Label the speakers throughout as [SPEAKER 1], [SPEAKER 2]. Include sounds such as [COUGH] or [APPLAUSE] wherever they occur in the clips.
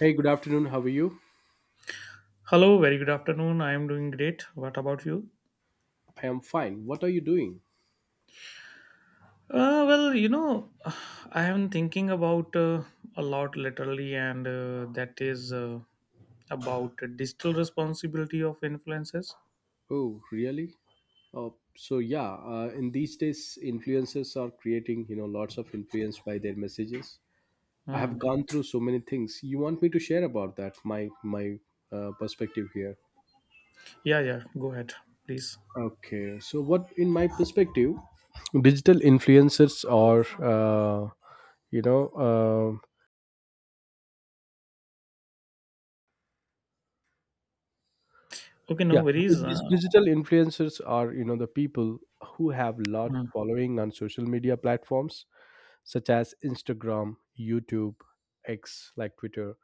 [SPEAKER 1] Hey, good afternoon. How are you?
[SPEAKER 2] Hello, very good afternoon. I am doing great. What about you?
[SPEAKER 1] I am fine. What are you doing?
[SPEAKER 2] Well, [SIGHS] I am thinking about a lot literally, and that is about digital responsibility of influences.
[SPEAKER 1] Oh, really? Oh, so yeah. In these days, influencers are creating, lots of influence by their messages. I have
[SPEAKER 2] Hmm.
[SPEAKER 1] gone through so many things. You want me to share about that? My perspective here.
[SPEAKER 2] Yeah, yeah, go ahead, please.
[SPEAKER 1] Okay. So what, in my perspective, digital influencers are, uh, you know, uh,
[SPEAKER 2] Okay, no
[SPEAKER 1] yeah,
[SPEAKER 2] worries.
[SPEAKER 1] digital influencers are, the people who have large
[SPEAKER 2] Hmm.
[SPEAKER 1] following on social media platforms such as Instagram, YouTube, X like Twitter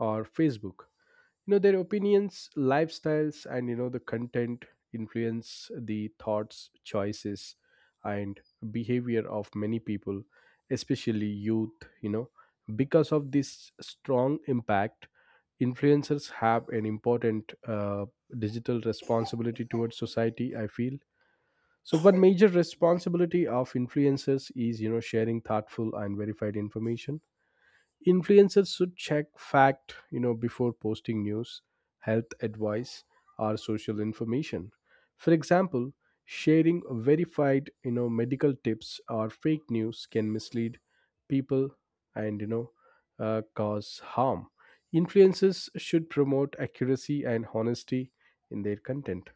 [SPEAKER 1] or Facebook. Their opinions, lifestyles, and the content influence the thoughts, choices, and behavior of many people, especially youth. You know, because of this strong impact, influencers have an important digital responsibility towards society, I feel. So one major responsibility of influencers is, sharing thoughtful and verified information. Influencers should check fact, before posting news, health advice, or social information. For example, sharing verified, medical tips or fake news can mislead people and, cause harm. Influencers should promote accuracy and honesty in their content.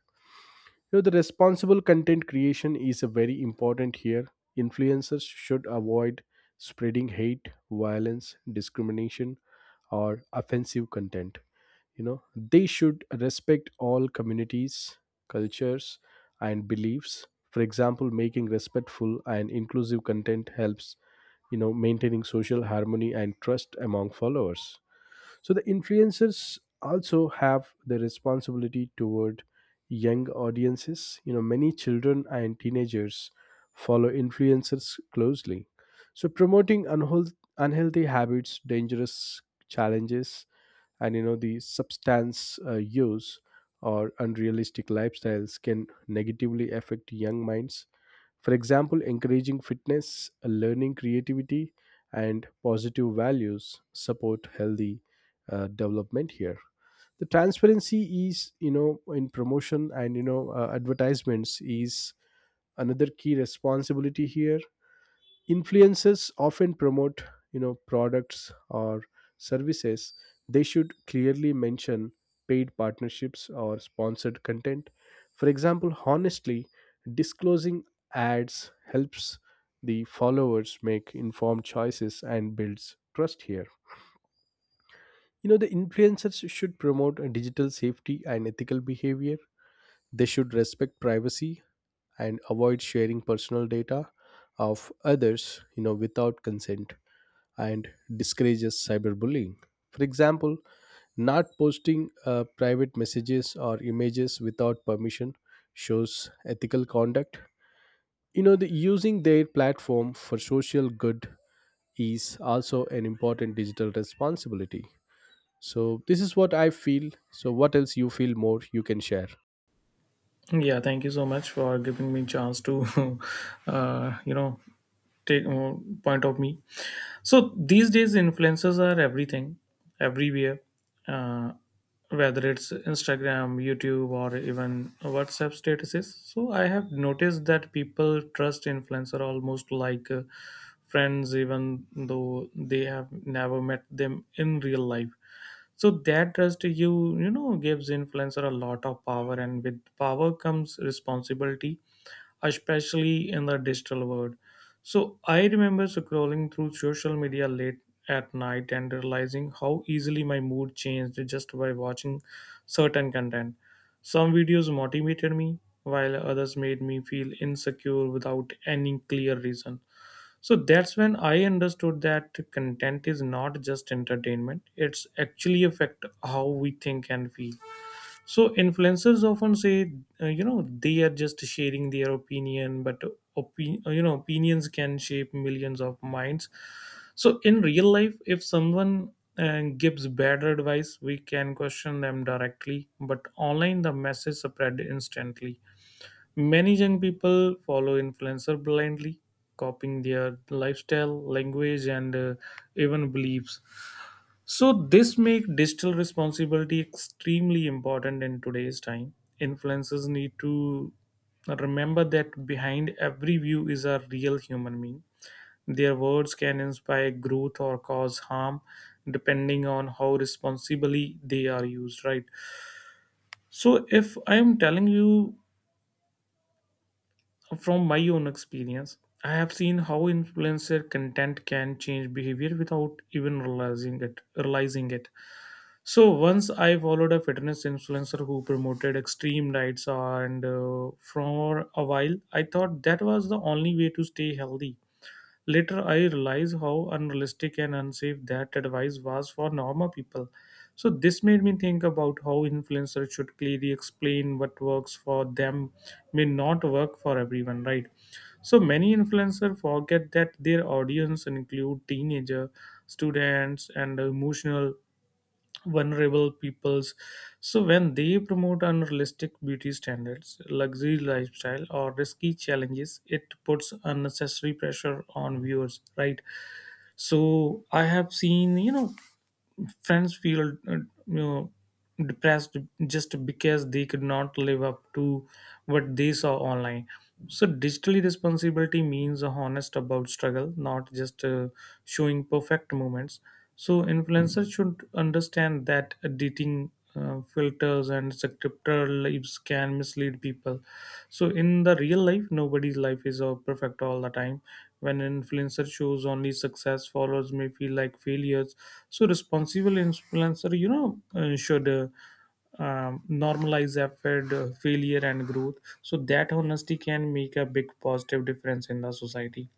[SPEAKER 1] The responsible content creation is a very important here. Influencers should avoid spreading hate, violence, discrimination, or offensive content. you know they should respect all communities, cultures, and beliefs. For example, making respectful and inclusive content helps, maintaining social harmony and trust among followers. So the influencers also have the responsibility toward young audiences. Many children and teenagers follow influencers closely. So promoting unhealthy habits, dangerous challenges, and the substance use or unrealistic lifestyles can negatively affect young minds. For example, encouraging fitness, learning creativity, and positive values support healthy development here. The transparency is, in promotion and, advertisements is another key responsibility here. Influencers often promote, products or services. They should clearly mention paid partnerships or sponsored content. For example, honestly disclosing ads helps the followers make informed choices and builds trust here. The influencers should promote a digital safety and ethical behavior. They should respect privacy and avoid sharing personal data of others, without consent, and discourages cyberbullying. For example, not posting private messages or images without permission shows ethical conduct. Using their platform for social good is also an important digital responsibility. So this is what I feel. So what else you feel more you can share?
[SPEAKER 2] Yeah, thank you so much for giving me chance to, [LAUGHS] uh, you know, take point of me. So these days, influencers are everything, everywhere. Uh, Whether it's Instagram, YouTube, or even WhatsApp statuses. So I have noticed that people trust influencer almost like friends, even though they have never met them in real life. So that trust gives influencer a lot of power, and with power comes responsibility, especially in the digital world. So I remember scrolling through social media late at night and realizing how easily my mood changed just by watching certain content. Some videos motivated me, while others made me feel insecure without any clear reason. So that's when I understood that content is not just entertainment, it's actually affect how we think and feel. So influencers often say they are just sharing their opinion, but opinions can shape millions of minds. So in real life, if someone gives bad advice, we can question them directly, but online the message spread instantly. Many young people follow influencer blindly, copying their lifestyle, language, and even beliefs. So this make digital responsibility extremely important in today's time. Influencers need to remember that behind every view is a real human being. Their words can inspire growth or cause harm depending on how responsibly they are used, right? So if I am telling you from my own experience, I have seen how influencer content can change behavior without even realizing it. So once I followed a fitness influencer who promoted extreme diets, and for a while I thought that was the only way to stay healthy. Later I realized how unrealistic and unsafe that advice was for normal people. So this made me think about how influencers should clearly explain what works for them may not work for everyone, right? So many influencers forget that their audience include teenager, students, and emotional vulnerable peoples. So when they promote unrealistic beauty standards, luxury lifestyle, or risky challenges, it puts unnecessary pressure on viewers, right? So I have seen, friends feel you know depressed just because they could not live up to what they saw online. So digitally responsibility means honest about struggle, not just showing perfect moments. So influencers should understand that editing, filters, and scriptural lives can mislead people. So in the real life, nobody's life is perfect all the time. When an influencer shows only success, followers may feel like failures. So responsible influencer, should normalize effort, failure, and growth, so that honesty can make a big positive difference in the society.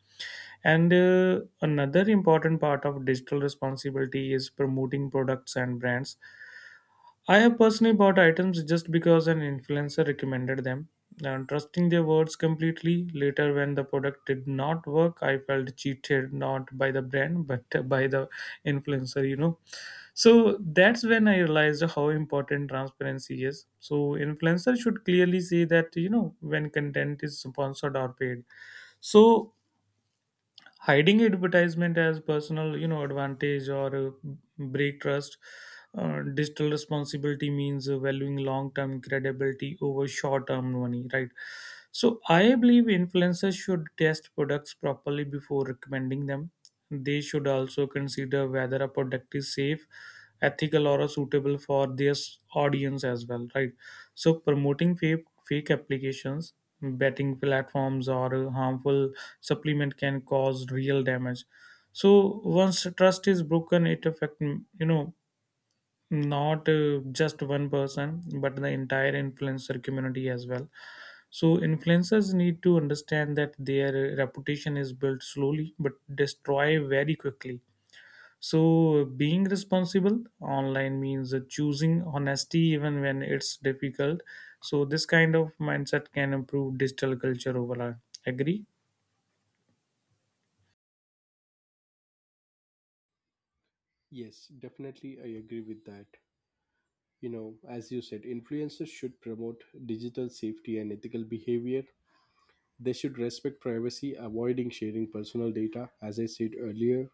[SPEAKER 2] And another important part of digital responsibility is promoting products and brands. I have personally bought items just because an influencer recommended them. And trusting their words completely, later when the product did not work, I felt cheated not by the brand [LAUGHS] but by the influencer. So that's when I realized how important transparency is. So influencer should clearly say that, when content is sponsored or paid. So hiding advertisement as personal advantage or break trust. Digital responsibility means valuing long term credibility over short term money, right? So I believe influencers should test products properly before recommending them. They should also consider whether a product is safe, ethical, or suitable for their audience as well, right? So promoting fake applications, betting platforms, or harmful supplement can cause real damage. So once trust is broken, it affect, not just one person but the entire influencer community as well. So influencers need to understand that their reputation is built slowly but destroy very quickly. So being responsible online means choosing honesty even when it's difficult. So this kind of mindset can improve digital culture overall. Agree?
[SPEAKER 1] Yes, definitely I agree with that. As you said, influencers should promote digital safety and ethical behavior. They should respect privacy, avoiding sharing personal data, as I said earlier,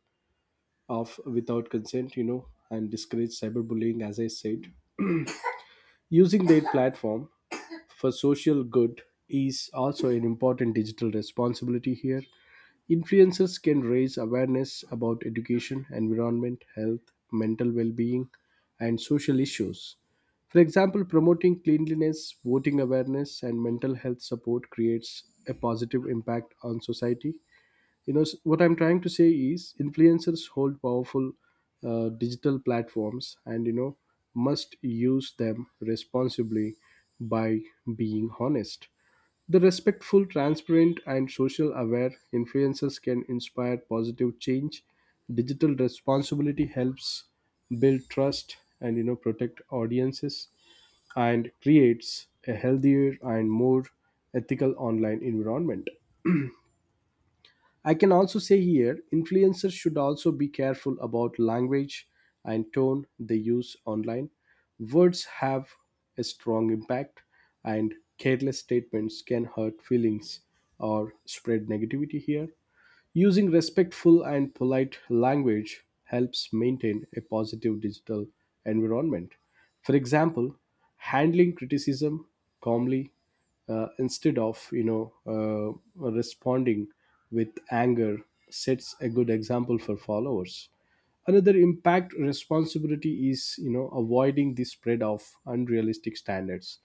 [SPEAKER 1] of without consent, and discourage cyberbullying, as I said. Using their platform for social good is also an important digital responsibility here. Influencers can raise awareness about education, environment, health, mental well being, and social issues. For example, promoting cleanliness, voting awareness, and mental health support creates a positive impact on society. What I'm trying to say is influencers hold powerful digital platforms and, must use them responsibly by being honest, the respectful, transparent, and social aware influencers can inspire positive change. Digital responsibility helps build trust and, protect audiences, and creates a healthier and more ethical online environment. I can also say here influencers should also be careful about language and tone they use online. Words have a strong impact, and careless statements can hurt feelings or spread negativity here. Using respectful and polite language helps maintain a positive digital environment. For example, handling criticism calmly, instead of, responding with anger, sets a good example for followers. Another impact responsibility is, avoiding the spread of unrealistic standards.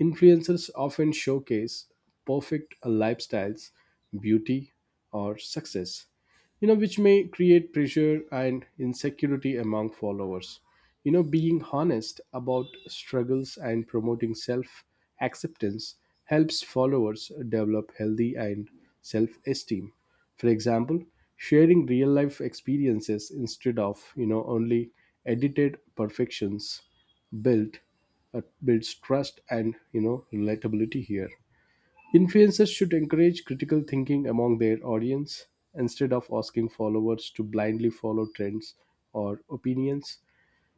[SPEAKER 1] Influencers often showcase perfect lifestyles, beauty, or success, which may create pressure and insecurity among followers. Being honest about struggles and promoting self acceptance helps followers develop healthy and self esteem. For example, sharing real life experiences instead of, only edited perfections build builds trust and, relatability here. Influencers should encourage critical thinking among their audience instead of asking followers to blindly follow trends or opinions.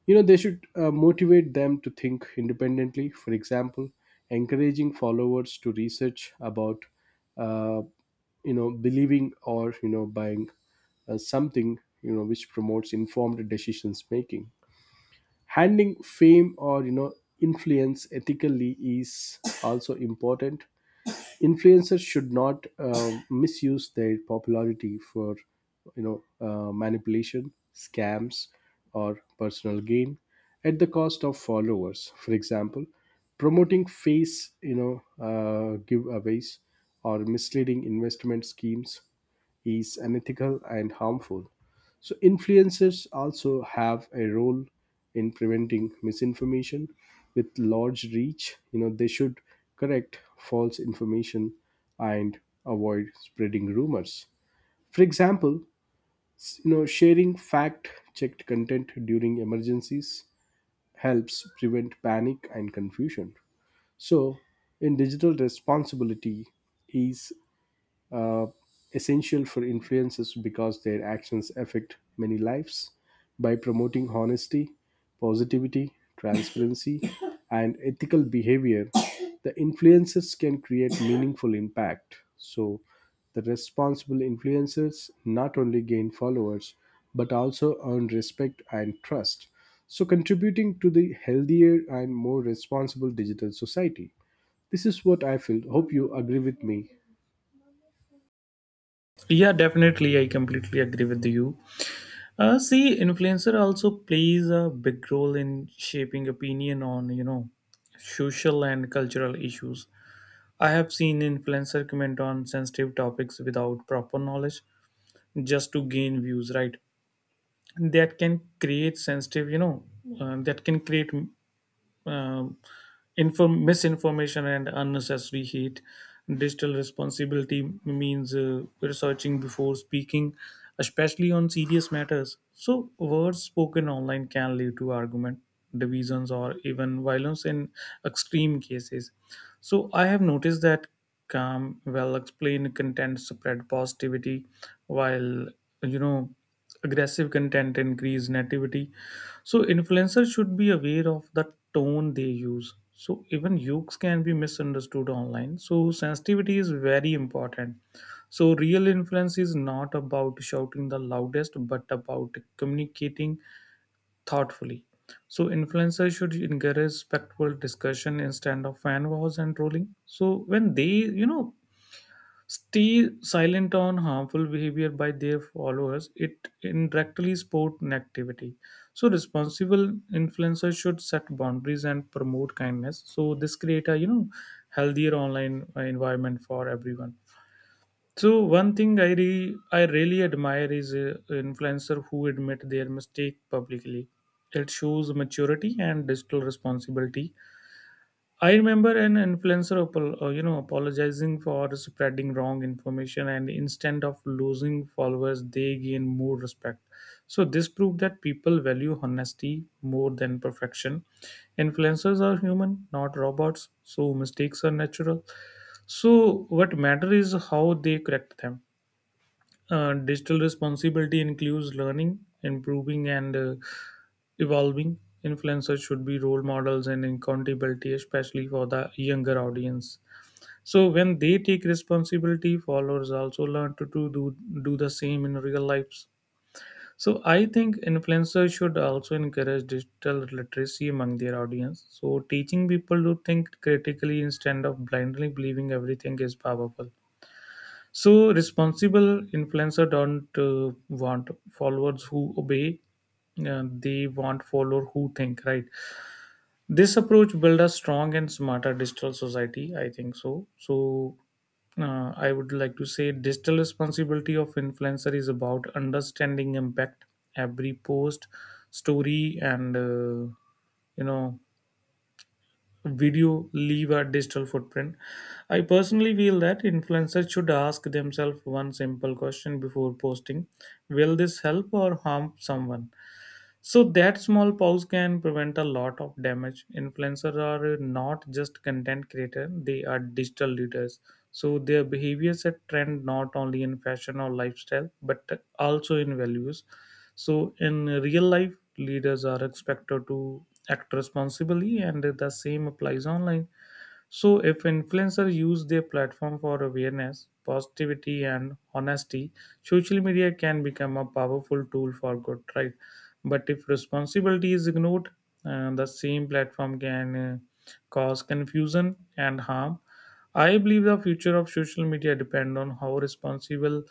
[SPEAKER 1] They should motivate them to think independently. For example, encouraging followers to research about, uh, believing or, buying something, which promotes informed decisions making. Handling fame or, influence ethically is also important. Influencers should not misuse their popularity for, manipulation scams or personal gain at the cost of followers. For example, promoting face, giveaways or misleading investment schemes is unethical and harmful. So influencers also have a role in preventing misinformation with large reach. They should correct false information and avoid spreading rumors. For example, sharing fact-checked content during emergencies helps prevent panic and confusion. So, in digital responsibility is uh, essential for influencers because their actions affect many lives. By promoting honesty, positivity, transparency, [COUGHS] and ethical behavior, the influencers can create meaningful impact. So, the responsible influencers not only gain followers but also earn respect and trust. So, contributing to the healthier and more responsible digital society. This is what I feel. Hope you agree with me.
[SPEAKER 2] Yeah, definitely. I completely agree with you. See, influencer also plays a big role in shaping opinion on, social and cultural issues. I have seen influencer comment on sensitive topics without proper knowledge just to gain views, right? That can create sensitive, you know, that can create um, misinformation and unnecessary hate. Digital responsibility means researching before speaking, especially on serious matters. So, words spoken online can lead to argument, divisions, or even violence in extreme cases. So, I have noticed that calm, well explained content spread positivity, while you know aggressive content increase nativity. So influencers should be aware of the tone they use. So even jokes can be misunderstood online. So sensitivity is very important. So real influence is not about shouting the loudest but about communicating thoughtfully. So influencers should encourage respectful discussion instead of fan wars and trolling. So when they you know Stay silent on harmful behavior by their followers, it indirectly supports negativity. So responsible influencers should set boundaries and promote kindness. So this create a healthier online environment for everyone. So one thing I really admire is influencer who admit their mistake publicly. It shows maturity and digital responsibility. I remember an influencer, apologizing for spreading wrong information, and instead of losing followers, they gain more respect. So this proved that people value honesty more than perfection. Influencers are human, not robots, so mistakes are natural. So what matters is how they correct them. Digital responsibility includes learning, improving, and evolving. Influencers should be role models and accountability, especially for the younger audience. So when they take responsibility, followers also learn to do the same in real lives. So I think influencers should also encourage digital literacy among their audience. So teaching people to think critically instead of blindly believing everything is powerful. So responsible influencer don't want followers who obey, they want follower who think, right? This approach build a strong and smarter digital society. I think so. So I would like to say digital responsibility of influencer is about understanding impact. Every post, story, and you know video leave a digital footprint. I personally feel that influencers should ask themselves one simple question before posting: Will this help or harm someone? So that small pause can prevent a lot of damage. Influencers are not just content creators; they are digital leaders. So their behavior set trend not only in fashion or lifestyle, but also in values. So, in real life, leaders are expected to act responsibly, and the same applies online. So if influencers use their platform for awareness, positivity and honesty, social media can become a powerful tool for good, right? But if responsibility is ignored, the same platform can cause confusion and harm. I believe the future of social media depends on how responsible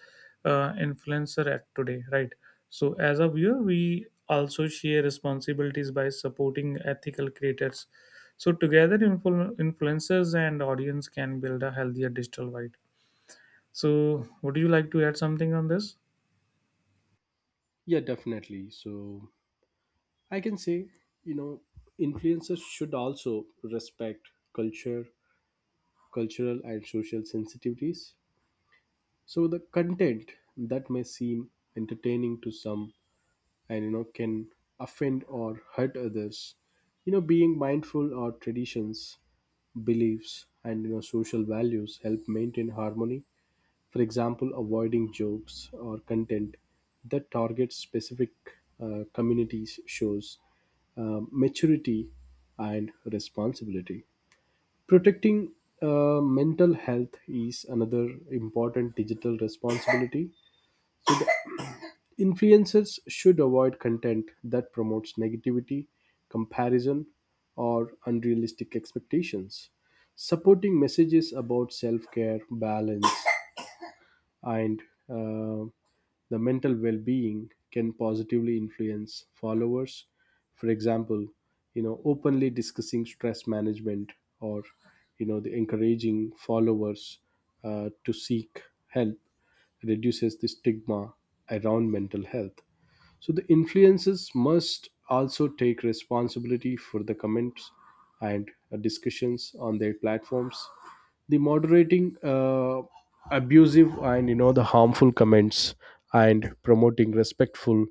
[SPEAKER 2] influencer act today, right? So as a viewer, we also share responsibilities by supporting ethical creators. So together, influencers and audience can build a healthier digital wide. So would you like to add something on this?
[SPEAKER 1] Yeah, definitely. So I can say, you know, influencers should also respect culture, cultural and social sensitivities. So the content that may seem entertaining to some and, can offend or hurt others. Being mindful of traditions, beliefs, and, social values help maintain harmony. For example, avoiding jokes or content that targets specific communities shows maturity and responsibility. Protecting mental health is another important digital responsibility. Influencers should avoid content that promotes negativity, comparison, or unrealistic expectations. Supporting messages about self care, balance, and uh, the mental well being can positively influence followers. For example, openly discussing stress management or, the encouraging followers to seek help reduces the stigma around mental health. So the influencers must also take responsibility for the comments and discussions on their platforms. The moderating abusive and, the harmful comments and promoting respectful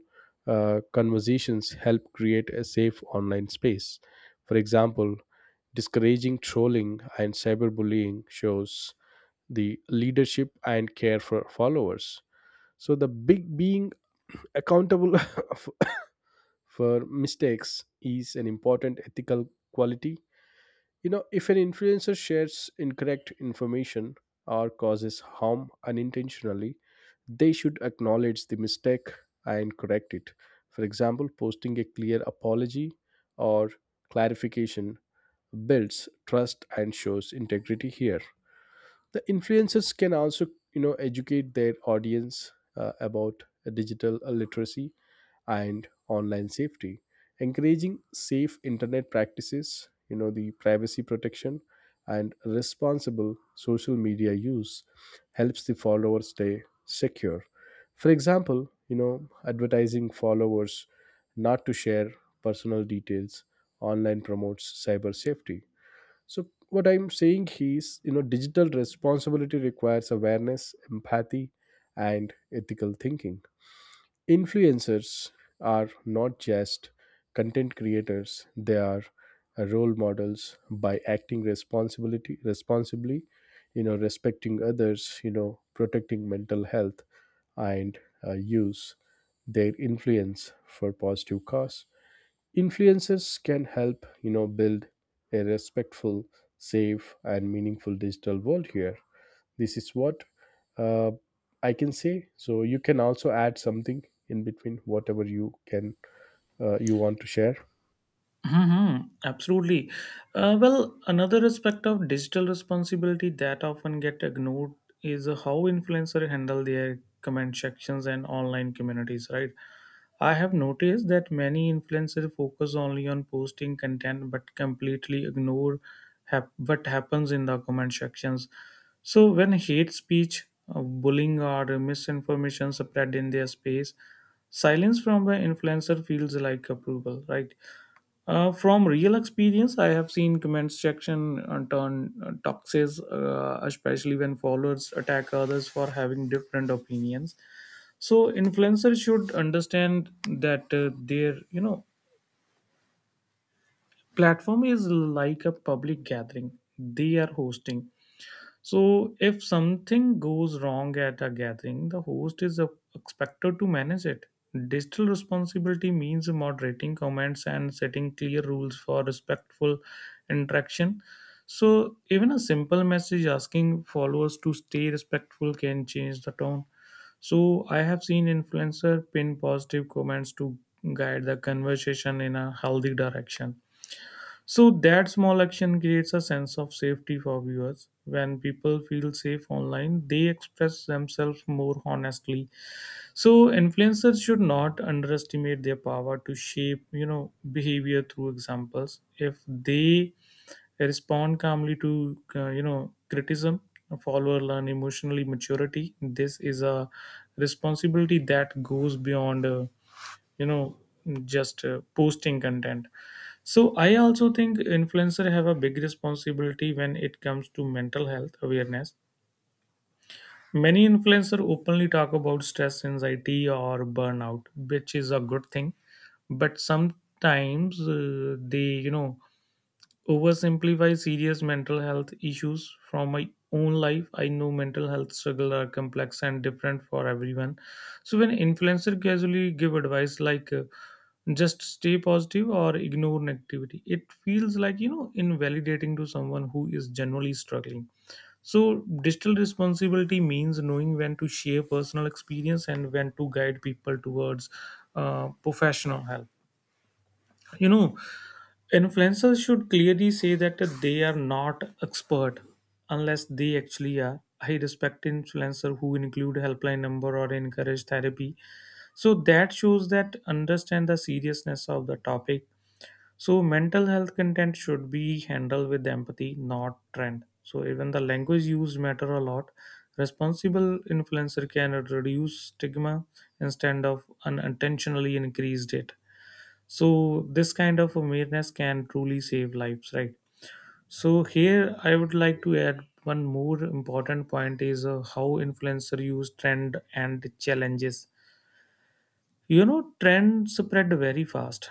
[SPEAKER 1] conversations help create a safe online space. For example, discouraging trolling and cyberbullying shows the leadership and care for followers. So the big being accountable [LAUGHS] of for mistakes is an important ethical quality. If an influencer shares incorrect information or causes harm unintentionally, they should acknowledge the mistake and correct it. For example, posting a clear apology or clarification builds trust and shows integrity here. The influencers can also, educate their audience about digital literacy and online safety, encouraging safe internet practices. The privacy protection and responsible social media use helps the followers stay secure. For example, advertising followers not to share personal details online promotes cyber safety. So what I'm saying is, digital responsibility requires awareness, empathy, and ethical thinking. Influencers are not just content creators, they are role models. By acting responsibility responsibly, respecting others, protecting mental health and use their influence for positive cause. Influencers can help, build a respectful, safe, and meaningful digital world here. This is what uh, I can say. So you can also add something in between whatever you can, you want to share.
[SPEAKER 2] Hmm. Absolutely. Well, another aspect of digital responsibility that often get ignored is how influencers handle their comment sections and online communities, right? I have noticed that many influencers focus only on posting content but completely ignore what happens in the comment sections. So when hate speech, bullying, or misinformation spread in their space, silence from an influencer feels like approval, right? From real experience, I have seen comment section turn toxic, especially when followers attack others for having different opinions. So influencers should understand that their platform is like a public gathering they are hosting, so, if something goes wrong at a gathering, the host is expected to manage it. Digital responsibility means moderating comments and setting clear rules for respectful interaction. So, even a simple message asking followers to stay respectful can change the tone. So, I have seen influencer pin positive comments to guide the conversation in a healthy direction. So that small action creates a sense of safety for viewers. When people feel safe online, they express themselves more honestly. So influencers should not underestimate their power to shape, behavior through examples. If they respond calmly to, criticism, a follower learn emotionally maturity. This is a responsibility that goes beyond you know just posting content. So I also think influencer have a big responsibility when it comes to mental health awareness. Many influencer openly talk about stress, anxiety, or burnout, which is a good thing, but sometimes they oversimplify serious mental health issues. From my own life, I know mental health struggles are complex and different for everyone. So when influencer casually give advice like just stay positive or ignore negativity, it feels like invalidating to someone who is generally struggling. So digital responsibility means knowing when to share personal experience and when to guide people towards professional help. You know influencers should clearly say that they are not expert unless they actually are. I respect influencer who include helpline number or encourage therapy, so that shows that understand the seriousness of the topic. So mental health content should be handled with empathy, not trend. So even the language used matter a lot. Responsible influencer can reduce stigma instead of unintentionally increased it. So this kind of awareness can truly save lives, right? So here I would like to add one more important point is how influencer use trend and challenges. You know, trends spread very fast,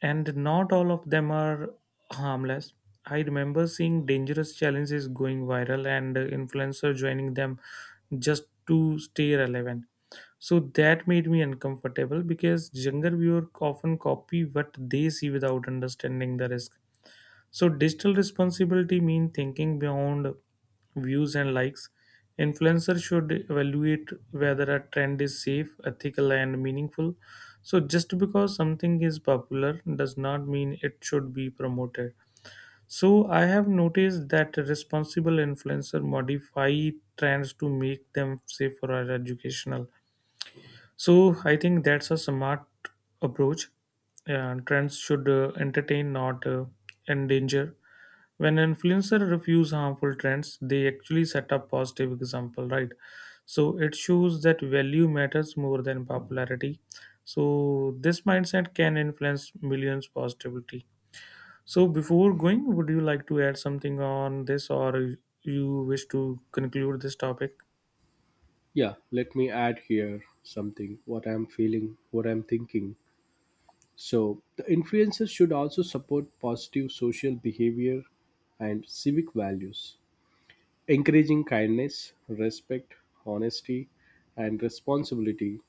[SPEAKER 2] and not all of them are harmless. I remember seeing dangerous challenges going viral and influencers joining them just to stay relevant. So that made me uncomfortable because younger viewers often copy what they see without understanding the risk. So digital responsibility means thinking beyond views and likes. Influencers should evaluate whether a trend is safe, ethical, and meaningful. So just because something is popular does not mean it should be promoted. So I have noticed that responsible influencer modify trends to make them safer or educational. So I think that's a smart approach. Trends should entertain, not endanger. When influencers refuse harmful trends, they actually set a positive example, right? So it shows that value matters more than popularity. So this mindset can influence millions positively. So before going, would you like to add something on this, or you wish to conclude this topic?
[SPEAKER 1] Yeah, let me add here something what I'm feeling, what I'm thinking. So, the influencers should also support positive social behavior and civic values, encouraging kindness, respect, honesty, and responsibility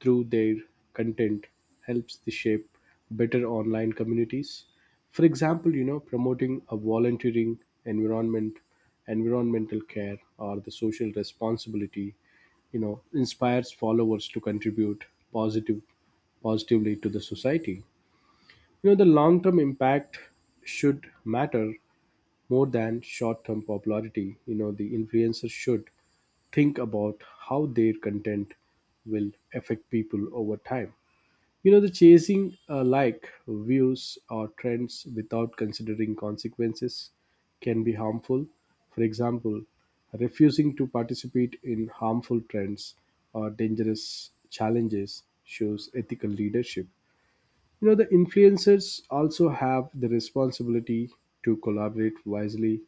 [SPEAKER 1] through their content helps the shape better online communities. For example, promoting a volunteering, environment environmental care, or the social responsibility, you know inspires followers to contribute positive positively to the society. The long term impact should matter more than short term popularity. The influencers should think about how their content will affect people over time. The chasing, like views or trends without considering consequences can be harmful. For example, refusing to participate in harmful trends or dangerous challenges shows ethical leadership. The influencers also have the responsibility to collaborate wisely.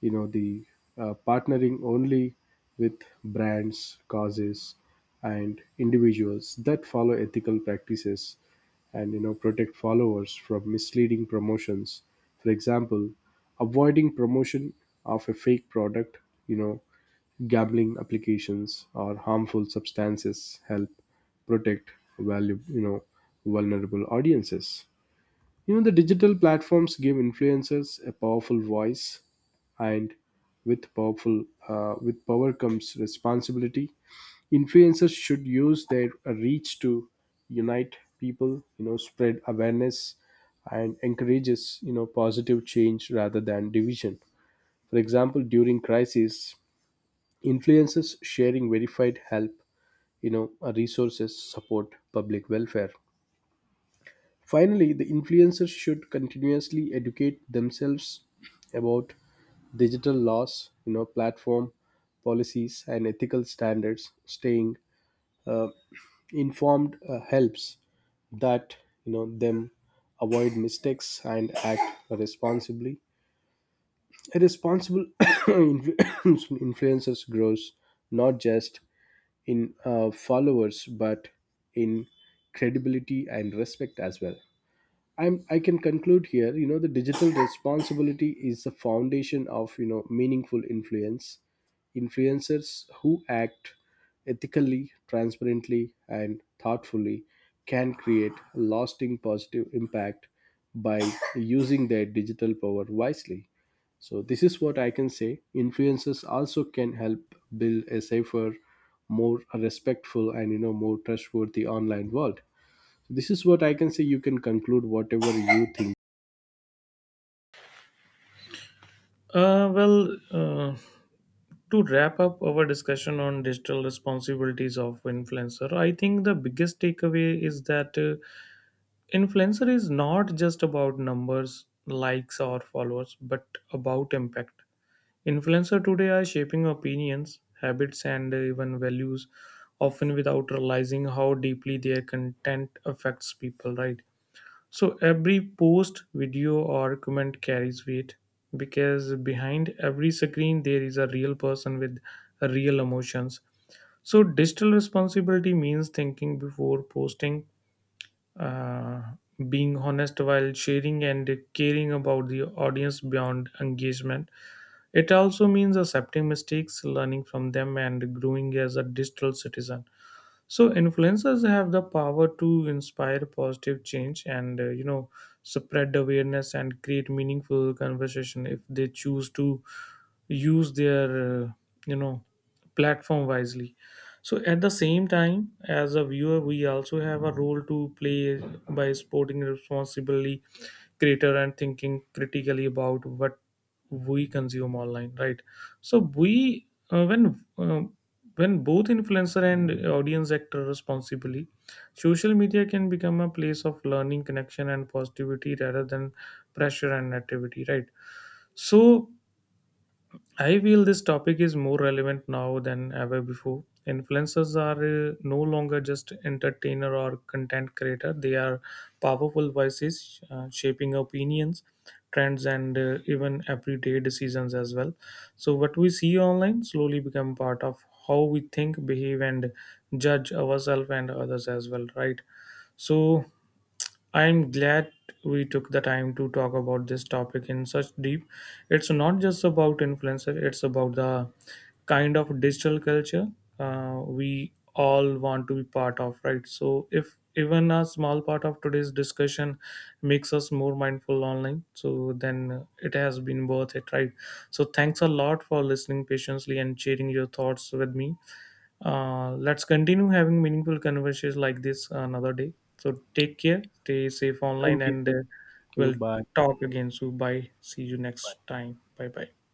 [SPEAKER 1] You know, the Partnering only with brands, causes, and individuals that follow ethical practices and, protect followers from misleading promotions. For example, avoiding promotion of a fake product, you know gambling applications or harmful substances help protect value, vulnerable audiences. The digital platforms give influencers a powerful voice, and with power comes responsibility. Influencers should use their reach to unite people, spread awareness, and encourages, positive change rather than division. For example, during crises, Influences sharing verified help, resources, support, public welfare. Finally, the influencers should continuously educate themselves about digital laws, platform policies, and ethical standards. Staying informed helps that, them avoid mistakes and act responsibly. A responsible [COUGHS] [COUGHS] influencers grows not just in followers but in credibility and respect as well. I can conclude here, the digital responsibility is the foundation of, meaningful influence. Influencers who act ethically, transparently, and thoughtfully can create a lasting positive impact by using their digital power wisely. So, this is what I can say. Influencers also can help build a safer, more respectful, and, more trustworthy online world. This is what I can say. You can conclude whatever you think.
[SPEAKER 2] uh, well, uh, to wrap up our discussion on digital responsibilities of influencer, I think the biggest takeaway is that influencer is not just about numbers, likes, or followers, but about impact. Influencer today are shaping opinions, habits, and even values, often without realizing how deeply their content affects people, right? So every post, video, or comment carries weight because behind every screen there is a real person with real emotions. So digital responsibility means thinking before posting, uh, being honest while sharing, and caring about the audience beyond engagement. It also means accepting mistakes, learning from them, and growing as a digital citizen. So influencers have the power to inspire positive change and spread awareness and create meaningful conversation if they choose to use their you know platform wisely. So at the same time, as a viewer, we also have a role to play by supporting responsibly creator and thinking critically about what we consume online, right? So we when both influencer and audience act responsibly, social media can become a place of learning, connection, and positivity rather than pressure and negativity, right? So I feel this topic is more relevant now than ever before. Influencers are no longer just entertainer or content creator. They are powerful voices shaping opinions, trends, and even everyday decisions as well. So what we see online slowly become part of how we think, behave, and judge ourselves and others as well, right? So I'm glad we took the time to talk about this topic in such deep. It's not just about influencer, it's about the kind of digital culture we all want to be part of, right? So if even a small part of today's discussion makes us more mindful online, so then it has been worth it, right? So thanks a lot for listening patiently and sharing your thoughts with me. Let's continue having meaningful conversations like this another day. So take care, stay safe online,
[SPEAKER 1] Thank you.
[SPEAKER 2] and
[SPEAKER 1] Thank you.
[SPEAKER 2] we'll
[SPEAKER 1] Bye.
[SPEAKER 2] talk again. So bye. See you next time. Bye bye.